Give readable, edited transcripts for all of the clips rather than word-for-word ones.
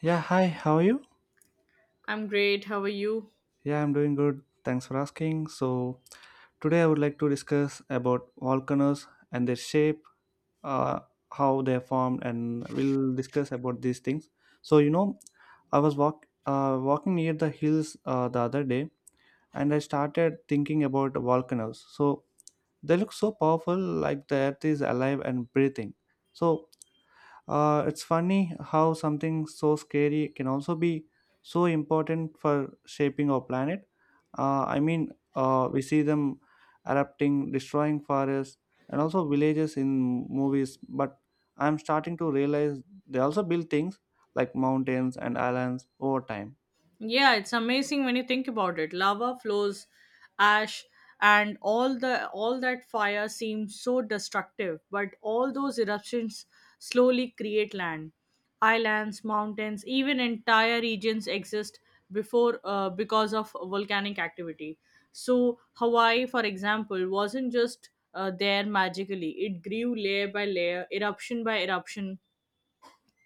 Yeah, hi, how are you? I'm great. How are you? Yeah, I'm doing good. Thanks for asking. Today I would like to discuss about volcanoes and their shape, uh, how they're formed, and we'll discuss about these things. So, you know, I was walking near the hills the other day and I started thinking about volcanoes. So they look so powerful, like the earth is alive and breathing. So, it's funny how something so scary can also be so important for shaping our planet. Uh, I mean, we see them erupting, destroying forests, and also villages in movies. But I'm starting to realize they also build things like mountains and islands over time. Yeah, it's amazing when you think about it. Lava flows, ash, and all that fire seems so destructive, but all those eruptions slowly create land. Islands, mountains, even entire regions exist before because of volcanic activity. So Hawaii, for example, wasn't just there magically. It grew layer by layer, eruption by eruption,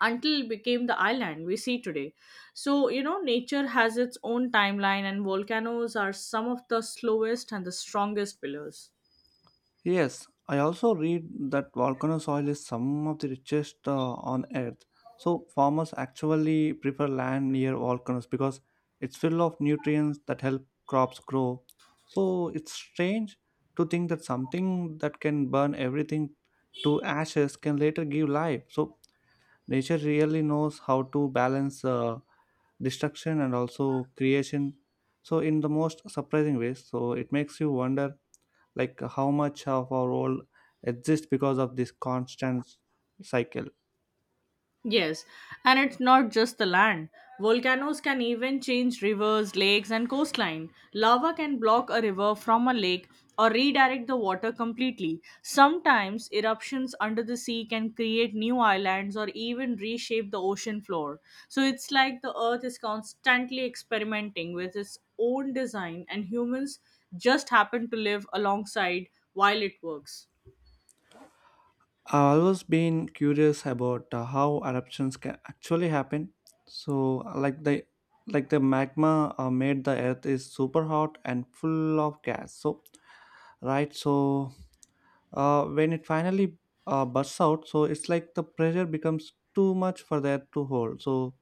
until it became the island we see today. So, you know, nature has its own timeline, and volcanoes are some of the slowest and the strongest pillars. Yes, I also read that volcano soil is some of the richest on earth. So farmers actually prefer land near volcanoes because it's full of nutrients that help crops grow. So it's strange to think that something that can burn everything to ashes can later give life. So nature really knows how to balance destruction and also creation, so in the most surprising ways. So it makes you wonder like how much of our world exists because of this constant cycle. Yes, and it's not just the land. Volcanoes can even change rivers, lakes, and coastline. Lava can block a river from a lake or redirect the water completely. Sometimes eruptions under the sea can create new islands or even reshape the ocean floor. So it's like the earth is constantly experimenting with its own design, and humans just happen to live alongside while it works. I've always been curious about how eruptions can actually happen. So, like the magma made the earth is super hot and full of gas. So, right. So, when it finally bursts out, so it's like the pressure becomes too much for the earth to hold. So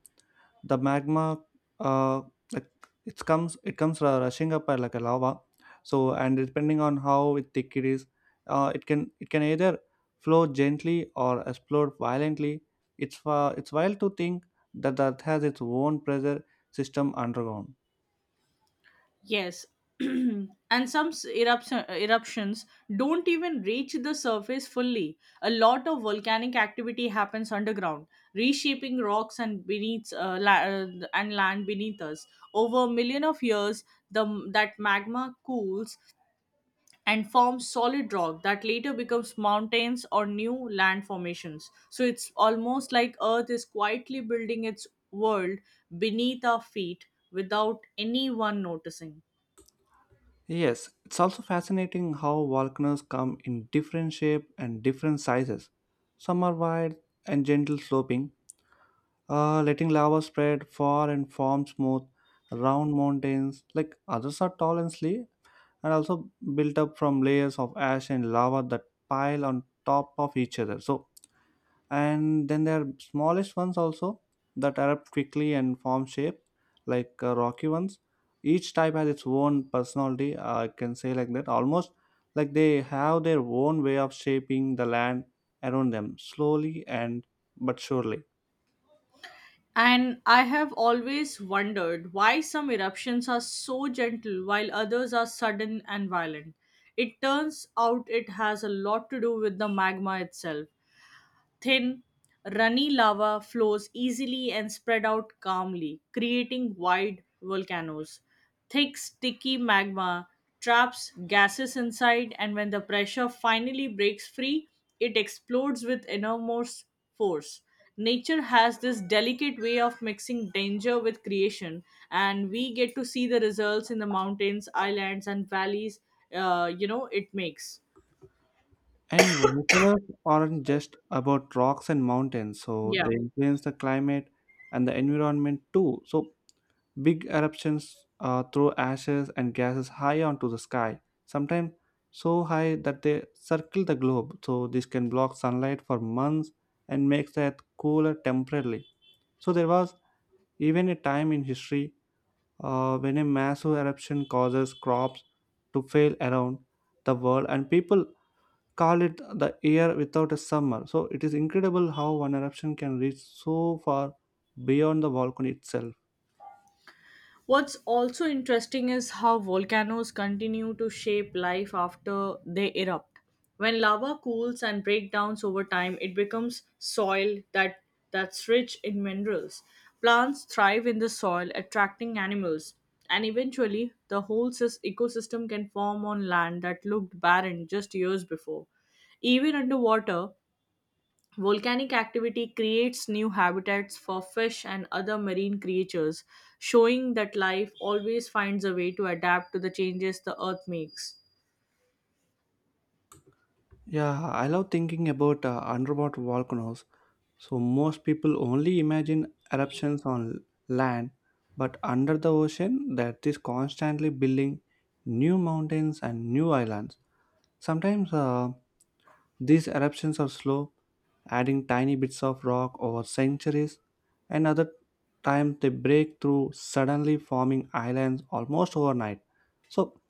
the magma, uh, like it comes rushing up like a lava. So, and depending on how it thick it is, it can either flow gently or explode violently. It's wild to think that the earth has its own pressure system underground. Yes. And eruptions don't even reach the surface fully. A lot of volcanic activity happens underground, reshaping rocks and and land beneath us. Over a million of years, the that magma cools and forms solid rock that later becomes mountains or new land formations. So it's almost like Earth is quietly building its world beneath our feet without anyone noticing. Yes, it's also fascinating how volcanoes come in different shape and different sizes. Some are wide and gentle sloping, letting lava spread far and form smooth, round mountains. Like others are tall and sleek, and also built up from layers of ash and lava that pile on top of each other. So, and then there are smallest ones also that erupt quickly and form shape, like rocky ones. Each type has its own personality, I can say like that. Almost like they have their own way of shaping the land around them, slowly and but surely. And I have always wondered why some eruptions are so gentle while others are sudden and violent. It turns out it has a lot to do with the magma itself. Thin, runny lava flows easily and spread out calmly, creating wide volcanoes. Thick, sticky magma traps gases inside, and when the pressure finally breaks free, it explodes with enormous force. Nature has this delicate way of mixing danger with creation, and we get to see the results in the mountains, islands, and valleys. It makes. And volcanoes aren't just about rocks and mountains, so Yeah. they influence the climate and the environment too. So big eruptions throw ashes and gases high onto the sky, sometimes so high that they circle the globe. So this can block sunlight for months and makes the earth cooler temporarily. So there was even a time in history when a massive eruption causes crops to fail around the world and people call it the year without a summer. So it is incredible how one eruption can reach so far beyond the volcano itself. What's also interesting is how volcanoes continue to shape life after they erupt. When lava cools and breakdowns over time, it becomes soil that that's rich in minerals. Plants thrive in the soil, attracting animals, and eventually the whole ecosystem can form on land that looked barren just years before. Even underwater, volcanic activity creates new habitats for fish and other marine creatures, showing that life always finds a way to adapt to the changes the earth makes. Yeah, I love thinking about underwater volcanoes. So most people only imagine eruptions on land, but under the ocean, that is constantly building new mountains and new islands. Sometimes these eruptions are slow, adding tiny bits of rock over centuries, and other times they break through, suddenly forming islands almost overnight. So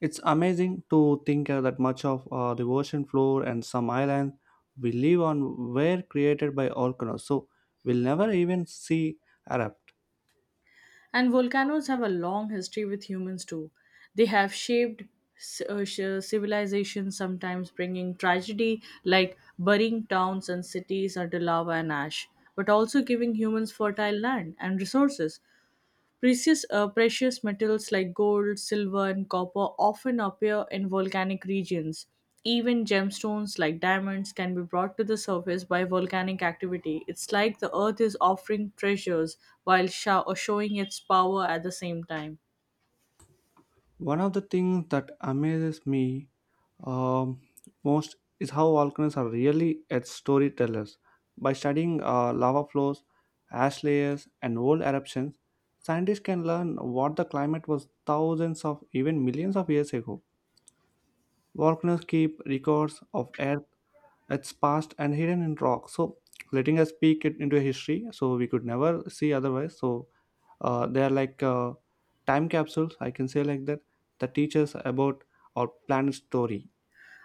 it's amazing to think that much of the ocean floor and some islands we live on were created by volcanoes, so we'll never even see erupt. And volcanoes have a long history with humans too. They have shaped civilizations, sometimes bringing tragedy like burying towns and cities under lava and ash, but also giving humans fertile land and resources. Precious metals like gold, silver, and copper often appear in volcanic regions. Even gemstones like diamonds can be brought to the surface by volcanic activity. It's like the earth is offering treasures while showing its power at the same time. One of the things that amazes me Um, most is how volcanoes are really at storytellers. By studying lava flows, ash layers, and old eruptions, scientists can learn what the climate was thousands of even millions of years ago. Volcanoes keep records of Earth, its past, and hidden in rock. So letting us peek it into history, so we could never see otherwise. So they are like time capsules, I can say like that, that teach us about our planet's story.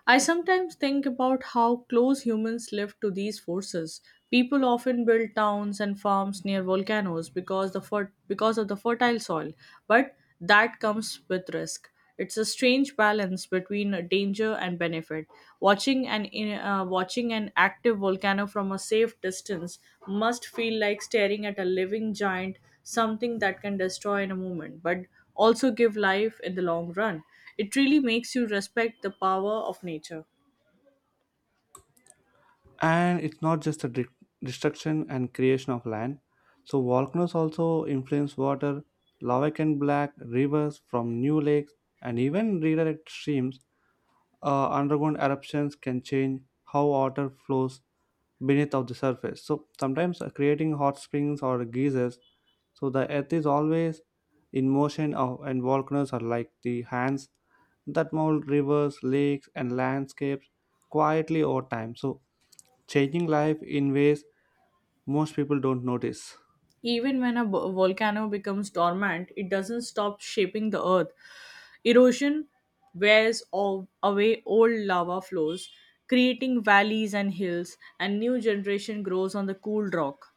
I sometimes think about how close humans live to these forces. People often build towns and farms near volcanoes because of the fertile soil, but that comes with risk. It's a strange balance between danger and benefit. Watching an active volcano from a safe distance must feel like staring at a living giant, something that can destroy in a moment, but also give life in the long run. It really makes you respect the power of nature. And it's not just the destruction and creation of land, so volcanoes also influence water. Lava can black rivers from new lakes and even redirect streams. Underground eruptions can change how water flows beneath of the surface, so sometimes creating hot springs or geysers. So the earth is always in motion of, and volcanoes are like the hands that mold rivers, lakes, and landscapes quietly over time, so changing life in ways most people don't notice. Even when a volcano becomes dormant, it doesn't stop shaping the earth. Erosion wears all away old lava flows, creating valleys and hills, and new generation grows on the cooled rock.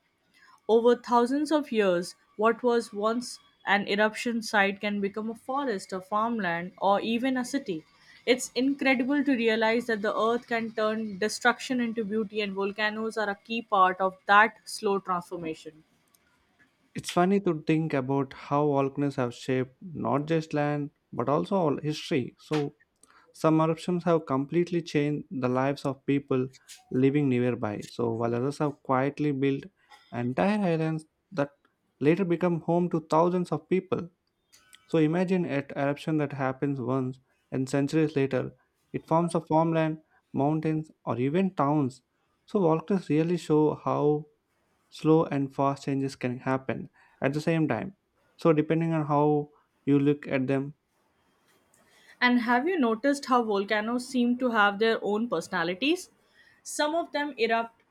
Over thousands of years, what was once an eruption site can become a forest, a farmland, or even a city. It's incredible to realize that the earth can turn destruction into beauty, and volcanoes are a key part of that slow transformation. It's funny to think about how volcanoes have shaped not just land but also all history. So some eruptions have completely changed the lives of people living nearby, so while others have quietly built entire islands that later become home to thousands of people. So imagine an eruption that happens once and centuries later it forms a farmland, mountains, or even towns. So volcanoes really show how slow and fast changes can happen at the same time, so depending on how you look at them. And have you noticed how volcanoes seem to have their own personalities? Some of them erupt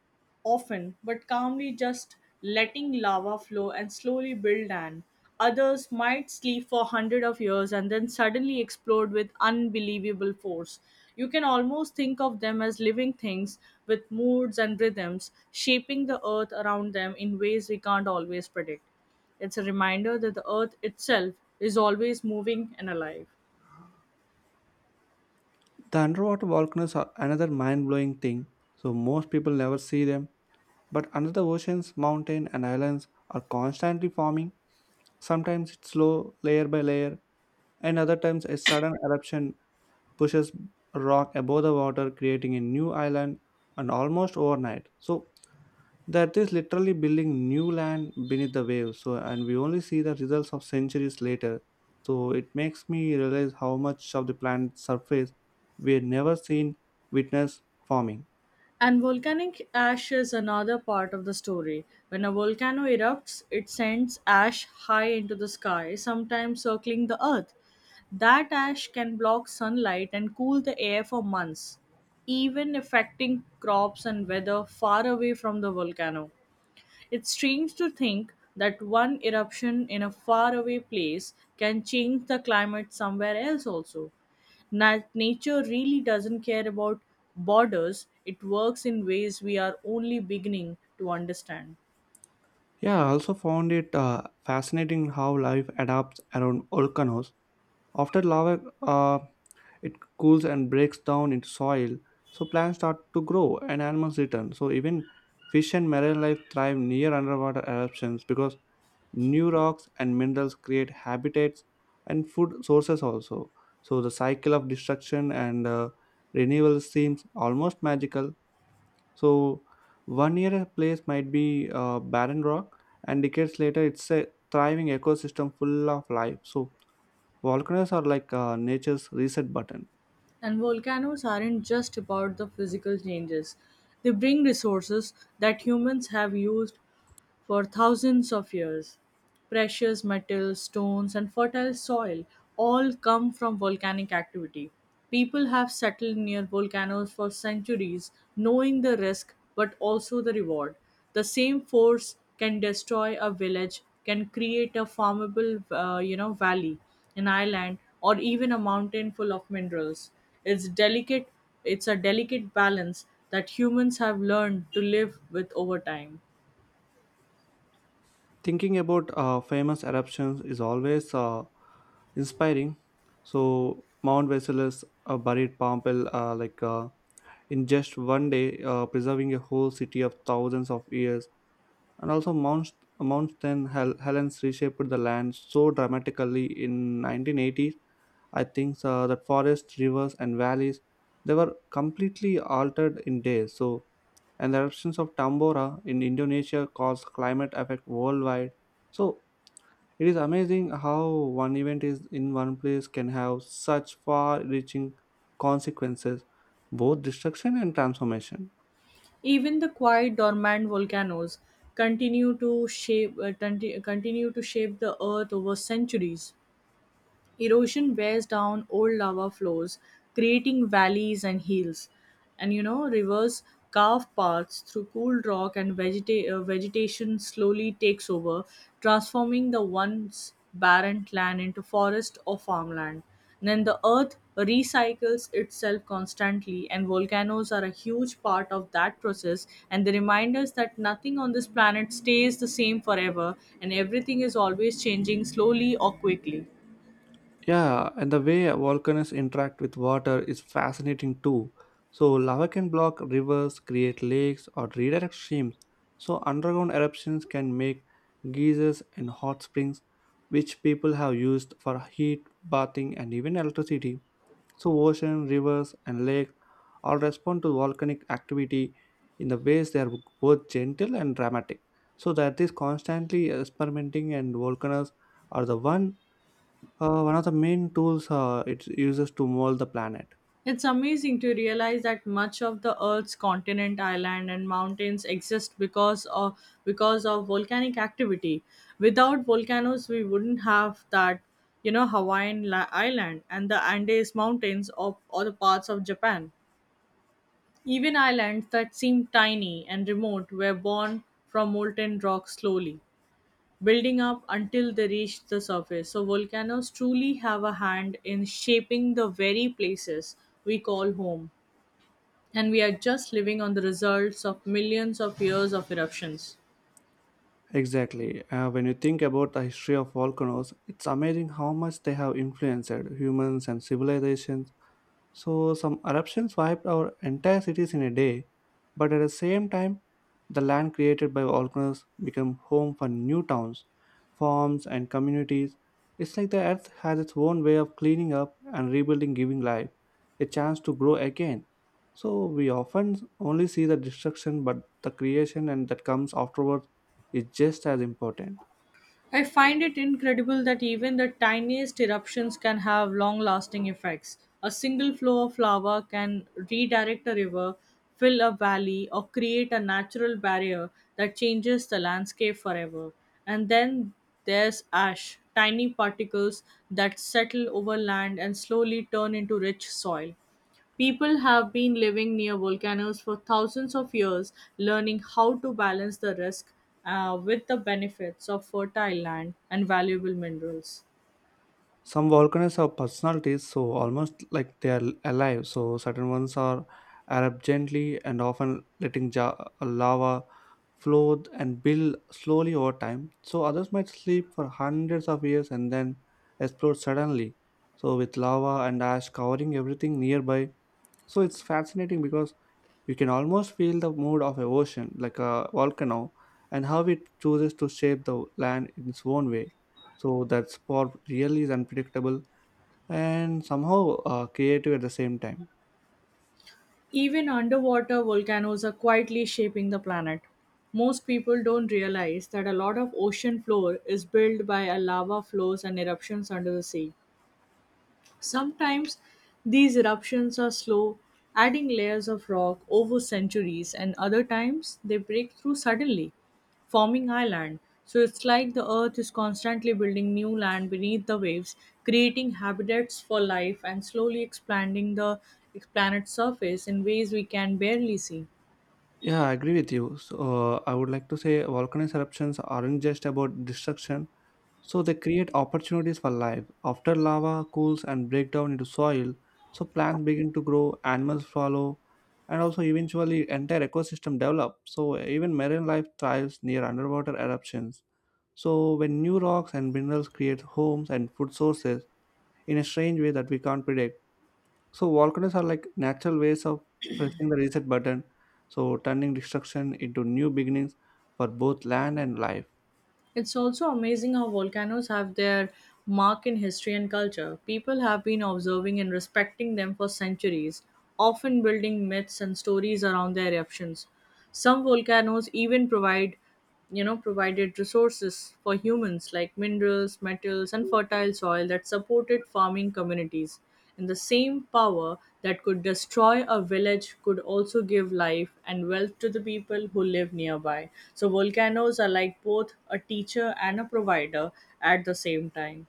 often but calmly, just letting lava flow and slowly build land. Others might sleep for hundreds of years and then suddenly explode with unbelievable force. You can almost think of them as living things with moods and rhythms, shaping the earth around them in ways we can't always predict. It's a reminder that the earth itself is always moving and alive. The underwater volcanoes are another mind blowing thing. So most people never see them, but under the oceans, mountains, and islands are constantly forming. Sometimes it's slow, layer by layer, and other times a sudden eruption pushes rock above the water, creating a new island and almost overnight. So that is literally building new land beneath the waves. So and we only see the results of centuries later, so it makes me realize how much of the planet's surface we had never seen witness forming. And volcanic ash is another part of the story. When a volcano erupts, it sends ash high into the sky, sometimes circling the earth. That ash can block sunlight and cool the air for months, even affecting crops and weather far away from the volcano. It's strange to think that one eruption in a faraway place can change the climate somewhere else also. Nature really doesn't care about borders. It works in ways we are only beginning to understand. Yeah, I also found it fascinating how life adapts around volcanoes. After lava it cools and breaks down into soil, so plants start to grow and animals return. So even fish and marine life thrive near underwater eruptions because new rocks and minerals create habitats and food sources also. So the cycle of destruction and renewal seems almost magical. So one year a place might be barren rock, and decades later it's a thriving ecosystem full of life. So volcanoes are like nature's reset button. And volcanoes aren't just about the physical changes, they bring resources that humans have used for thousands of years. Precious metals, stones, and fertile soil all come from volcanic activity. People have settled near volcanoes for centuries, knowing the risk but also the reward. The same force can destroy a village, can create a valley, an island, or even a mountain full of minerals. It's delicate. It's a delicate balance that humans have learned to live with over time. Thinking about famous eruptions is always inspiring. So Mount Vesuvius buried Pompeii, in just one day, preserving a whole city of thousands of years. And also, Helens reshaped the land so dramatically in 1980s. I think that forests, rivers, and valleys, they were completely altered in days. So, and the eruptions of Tambora in Indonesia caused climate effect worldwide. So it is amazing how one event is in one place can have such far-reaching consequences, both destruction and transformation. Even the quiet dormant volcanoes continue to shape the earth over centuries. Erosion wears down old lava flows, creating valleys and hills. And you know, rivers carve paths through cool rock, and vegetation slowly takes over, transforming the once barren land into forest or farmland. Then the earth recycles itself constantly, and volcanoes are a huge part of that process. And they remind us that nothing on this planet stays the same forever, and everything is always changing slowly or quickly. Yeah, and the way volcanoes interact with water is fascinating too. So lava can block rivers, create lakes, or redirect streams. So underground eruptions can make geysers and hot springs, which people have used for heat, bathing, and even electricity. So ocean, rivers, and lakes all respond to volcanic activity in the ways they are both gentle and dramatic. So that is constantly experimenting, and volcanoes are the one one of the main tools it uses to mold the planet. It's amazing to realize that much of the Earth's continent, island, and mountains exist because of volcanic activity. Without volcanoes, we wouldn't have that, you know, island and the Andes Mountains of or the parts of Japan. Even islands that seem tiny and remote were born from molten rock slowly, building up until they reached the surface. So volcanoes truly have a hand in shaping the very places we call home, and we are just living on the results of millions of years of eruptions. Exactly. When you think about the history of volcanoes, it's amazing how much they have influenced humans and civilizations. So some eruptions wiped our entire cities in a day, but at the same time, the land created by volcanoes became home for new towns, farms, and communities. It's like the earth has its own way of cleaning up and rebuilding, giving life a chance to grow again. So we often only see the destruction, but the creation and that comes afterwards is just as important. I find it incredible that even the tiniest eruptions can have long lasting effects. A single flow of lava can redirect a river, fill a valley, or create a natural barrier that changes the landscape forever. And then there's ash, tiny particles that settle over land and slowly turn into rich soil. People have been living near volcanoes for thousands of years, learning how to balance the risk with the benefits of fertile land and valuable minerals. Some volcanoes have personalities, so almost like they are alive. So certain ones are erupt gently and often, letting lava flow and build slowly over time. So others might sleep for hundreds of years and then explode suddenly, so with lava and ash covering everything nearby. So it's fascinating because you can almost feel the mood of a ocean like a volcano and how it chooses to shape the land in its own way. So that's for really is unpredictable and somehow creative at the same time. Even underwater volcanoes are quietly shaping the planet. Most people don't realize that a lot of ocean floor is built by a lava flows and eruptions under the sea. Sometimes these eruptions are slow, adding layers of rock over centuries, and other times they break through suddenly, forming island. So it's like the earth is constantly building new land beneath the waves, creating habitats for life and slowly expanding the planet's surface in ways we can barely see. Yeah, I agree with you. So I would like to say volcanic eruptions aren't just about destruction. So they create opportunities for life. After lava cools and break down into soil, so plants begin to grow, animals follow, and also eventually entire ecosystem develop. So even marine life thrives near underwater eruptions, so when new rocks and minerals create homes and food sources in a strange way that we can't predict. So volcanoes are like natural ways of pressing the reset button, so turning destruction into new beginnings for both land and life. It's also amazing how volcanoes have their mark in history and culture. People have been observing and respecting them for centuries, often building myths and stories around their eruptions. Some volcanoes even provided resources for humans like minerals, metals, and fertile soil that supported farming communities. And the same power that could destroy a village could also give life and wealth to the people who live nearby. So volcanoes are like both a teacher and a provider at the same time.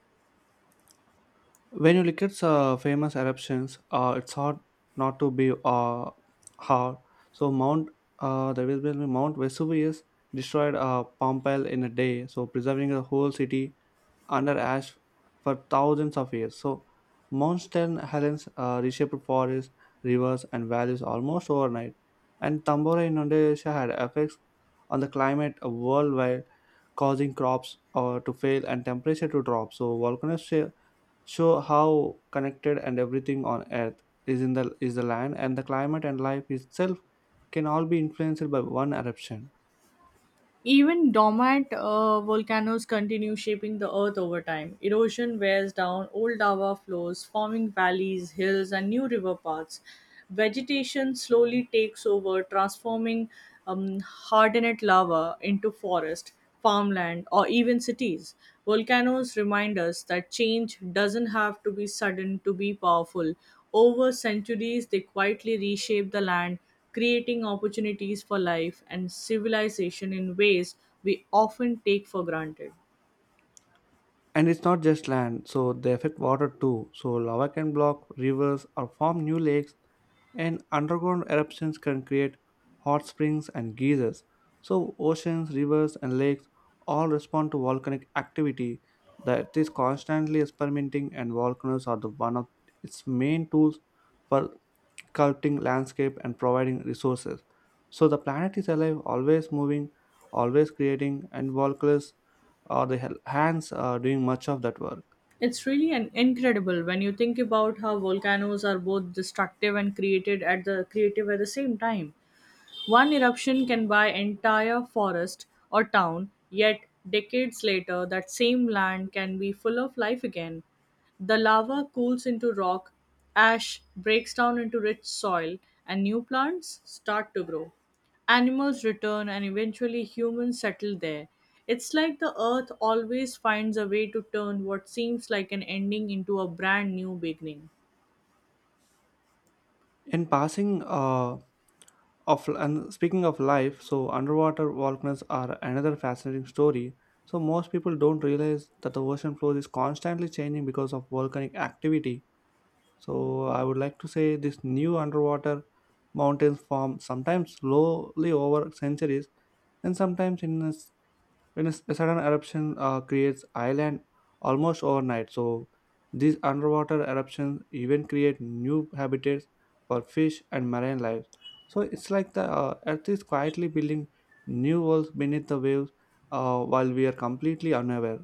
When you look at famous eruptions, it's hard not to be hard. So Mount there will be Mount Vesuvius destroyed Pompeii in a day, so preserving the whole city under ash for thousands of years. So Mount St. Helens reshaped forests, rivers, and valleys almost overnight. And Tambora in Indonesia had effects on the climate worldwide, causing crops to fail and temperature to drop. So, show how connected and everything on Earth is in the land and the climate and life itself can all be influenced by one eruption. Even dormant volcanoes continue shaping the earth over time. Erosion wears down old lava flows, forming valleys, hills, and new river paths. Vegetation slowly takes over, transforming hardened lava into forest, farmland, or even cities. Volcanoes remind us that change doesn't have to be sudden to be powerful. Over centuries, they quietly reshape the land, creating opportunities for life and civilization in ways we often take for granted. And it's not just land, so they affect water too. So lava can block rivers or form new lakes, and underground eruptions can create hot springs and geysers. So oceans, rivers, and lakes all respond to volcanic activity. The Earth is constantly experimenting, and volcanoes are the one of its main tools for sculpting landscape and providing resources. So the planet is alive, always moving, always creating, and volcanoes or hands are doing much of that work. It's really an incredible when you think about how volcanoes are both destructive and created at the creative at the same time. One eruption can buy entire forest or town, yet decades later that same land can be full of life again. The lava cools into rock, ash breaks down into rich soil, and new plants start to grow. Animals return and eventually humans settle there. It's like the earth always finds a way to turn what seems like an ending into a brand new beginning. In passing of and speaking of life, so underwater volcanoes are another fascinating story. So most people don't realize that the ocean floor is constantly changing because of volcanic activity. So I would like to say this new underwater mountains form sometimes slowly over centuries and sometimes a sudden eruption creates island almost overnight, so these underwater eruptions even create new habitats for fish and marine life. So it's like the Earth is quietly building new worlds beneath the waves while we are completely unaware.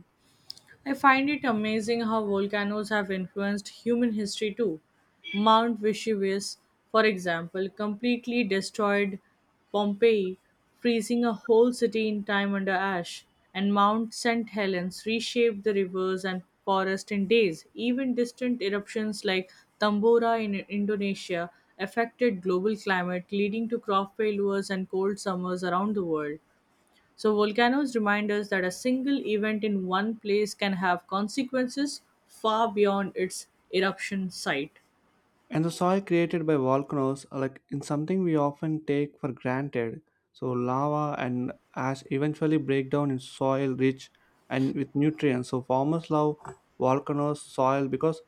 I find it amazing how volcanoes have influenced human history too. Mount Vesuvius, for example, completely destroyed Pompeii, freezing a whole city in time under ash, and Mount St. Helens reshaped the rivers and forest in days. Even distant eruptions like Tambora in Indonesia affected global climate, leading to crop failures and cold summers around the world. So, volcanoes remind us that a single event in one place can have consequences far beyond its eruption site. And the soil created by volcanoes, are like in something we often take for granted. So lava and ash eventually break down in soil rich and with nutrients. So farmers love volcanoes soil because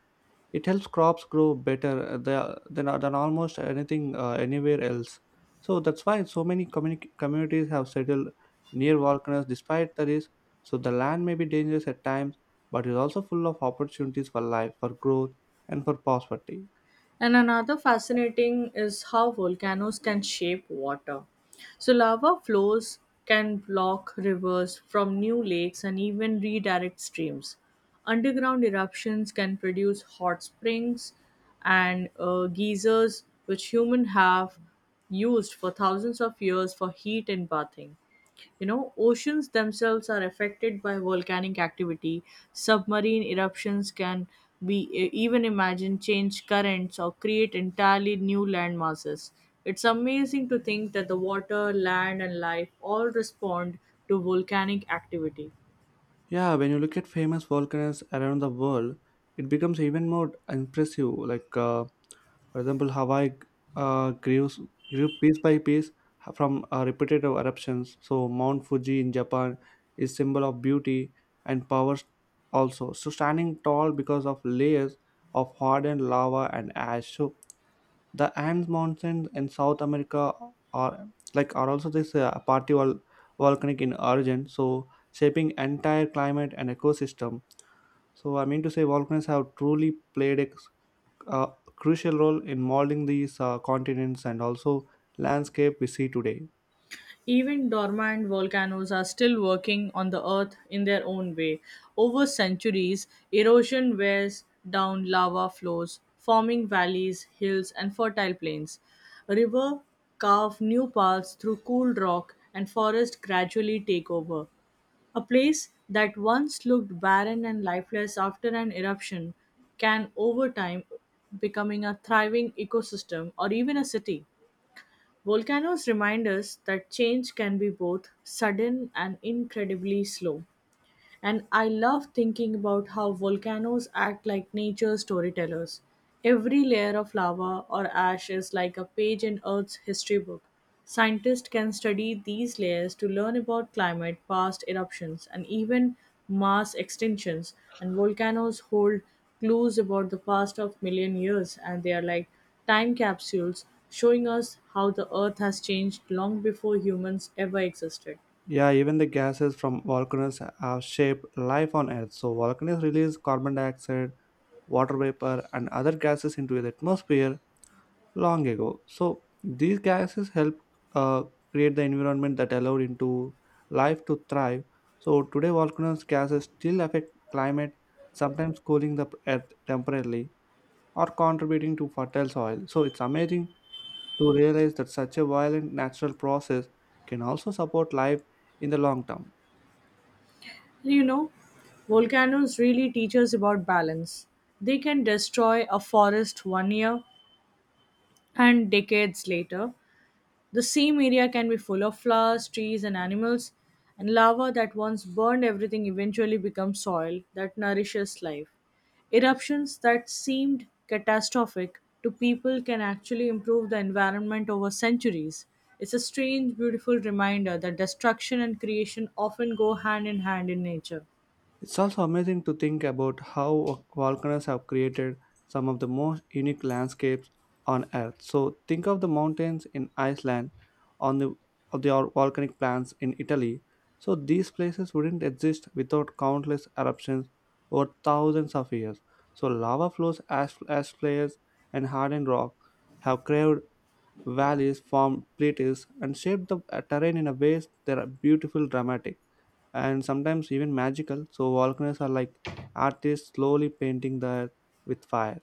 it helps crops grow than almost anything anywhere else. So that's why so many communities have settled near volcanoes despite the risk. So the land may be dangerous at times, but is also full of opportunities for life, for growth, and for prosperity. And another fascinating is how volcanoes can shape water. So, lava flows can block rivers from new lakes and even redirect streams. Underground eruptions can produce hot springs and geysers, which humans have used for thousands of years for heat and bathing. You know, oceans themselves are affected by volcanic activity. Submarine eruptions can even imagine change currents or create entirely new land masses. It's amazing to think that the water, land, and life all respond to volcanic activity. Yeah, when you look at famous volcanoes around the world, it becomes even more impressive. For example, Hawaii uh, grew, grew piece by piece from repetitive eruptions. So Mount Fuji in Japan is symbol of beauty and power also. So standing tall because of layers of hardened lava and ash. So the Andes Mountains in South America are like are also this volcanic in origin. So shaping entire climate and ecosystem. So I mean to say volcanoes have truly played a crucial role in molding these continents and also landscape we see today. Even dormant volcanoes are still working on the Earth in their own way. Over centuries, erosion wears down lava flows, forming valleys, hills, and fertile plains. River carve new paths through cool rock, and forests gradually take over. A place that once looked barren and lifeless after an eruption can, over time, becoming a thriving ecosystem or even a city. Volcanoes remind us that change can be both sudden and incredibly slow. And I love thinking about how volcanoes act like nature's storytellers. Every layer of lava or ash is like a page in Earth's history book. Scientists can study these layers to learn about climate, past eruptions, and even mass extinctions. And volcanoes hold clues about the past of million years, and they are like time capsules showing us how the Earth has changed long before humans ever existed. Yeah, even the gases from volcanoes have shaped life on Earth. So volcanoes release carbon dioxide, water vapor, and other gases into the atmosphere long ago. So these gases help uh, create the environment that allowed into life to thrive. So today, volcanoes gases still affect climate, sometimes cooling the Earth temporarily or contributing to fertile soil. So it's amazing to realize that such a violent natural process can also support life in the long term. You know, volcanoes really teach us about balance. They can destroy a forest one year, and decades later, the same area can be full of flowers, trees, and animals. And lava that once burned everything eventually becomes soil that nourishes life. Eruptions that seemed catastrophic to people can actually improve the environment over centuries. It's a strange, beautiful reminder that destruction and creation often go hand in hand in nature. It's also amazing to think about how volcanoes have created some of the most unique landscapes on Earth. So think of the mountains in Iceland, on the volcanic plants in Italy. So these places wouldn't exist without countless eruptions over thousands of years. So lava flows, ash, ash flares, and hardened rock have craved valleys formed plateaus and shaped the terrain in a ways that are beautiful, dramatic, and sometimes even magical. So volcanoes are like artists slowly painting the earth with fire.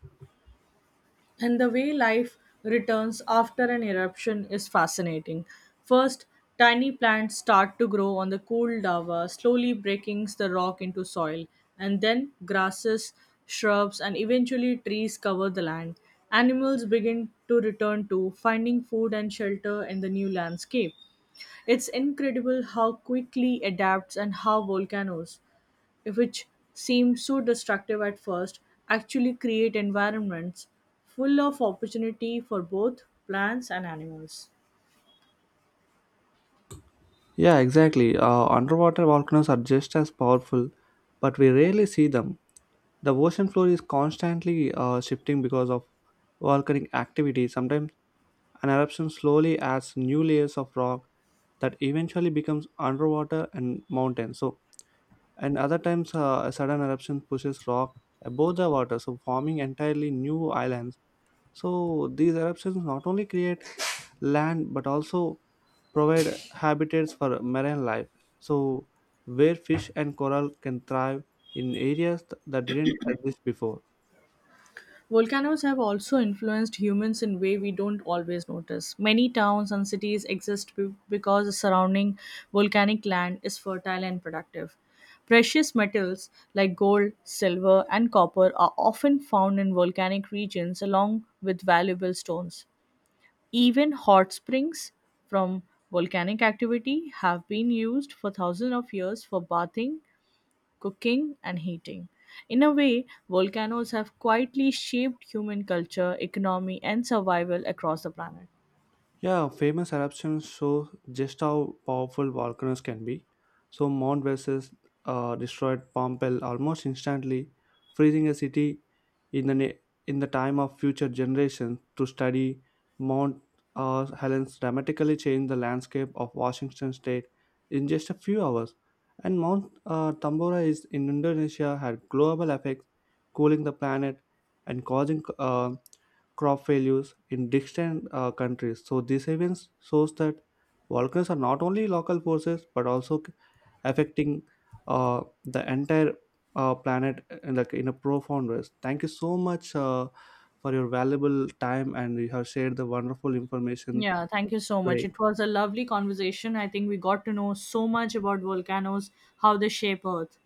And the way life returns after an eruption is fascinating. First, tiny plants start to grow on the cool lava, slowly breaking the rock into soil, and then grasses, shrubs, and eventually trees cover the land. Animals begin to return to finding food and shelter in the new landscape. It's incredible how quickly adapts and how volcanoes, which seem so destructive at first, actually create environments full of opportunity for both plants and animals. Yeah, exactly. Underwater volcanoes are just as powerful, but we rarely see them. The ocean floor is constantly shifting because of volcanic activity. Sometimes an eruption slowly adds new layers of rock that eventually becomes underwater and mountains. So and other times a sudden eruption pushes rock above the water so forming entirely new islands, so these eruptions not only create land but also provide habitats for marine life, so where fish and coral can thrive in areas that didn't exist before. Volcanoes have also influenced humans in way we don't always notice. Many towns and cities exist because the surrounding volcanic land is fertile and productive. Precious metals like gold, silver, and copper are often found in volcanic regions along with valuable stones. Even hot springs from volcanic activity have been used for thousands of years for bathing, cooking, and heating. In a way, volcanoes have quietly shaped human culture, economy, and survival across the planet. Yeah, famous eruptions show just how powerful volcanoes can be. So Mount Vesus destroyed Pompeii almost instantly, freezing a city in the na- in the time of future generations to study Mount Helens dramatically changed the landscape of Washington state in just a few hours. And Mount Tambora is in Indonesia had global effects, cooling the planet and causing crop failures in distant countries. So this events shows that volcanoes are not only local forces but also affecting the entire planet in, like, in a profound ways. Thank you so much for your valuable time and you have shared the wonderful information Yeah, thank you so much. today. It was a lovely conversation. I think we got to know so much about volcanoes, how they shape Earth.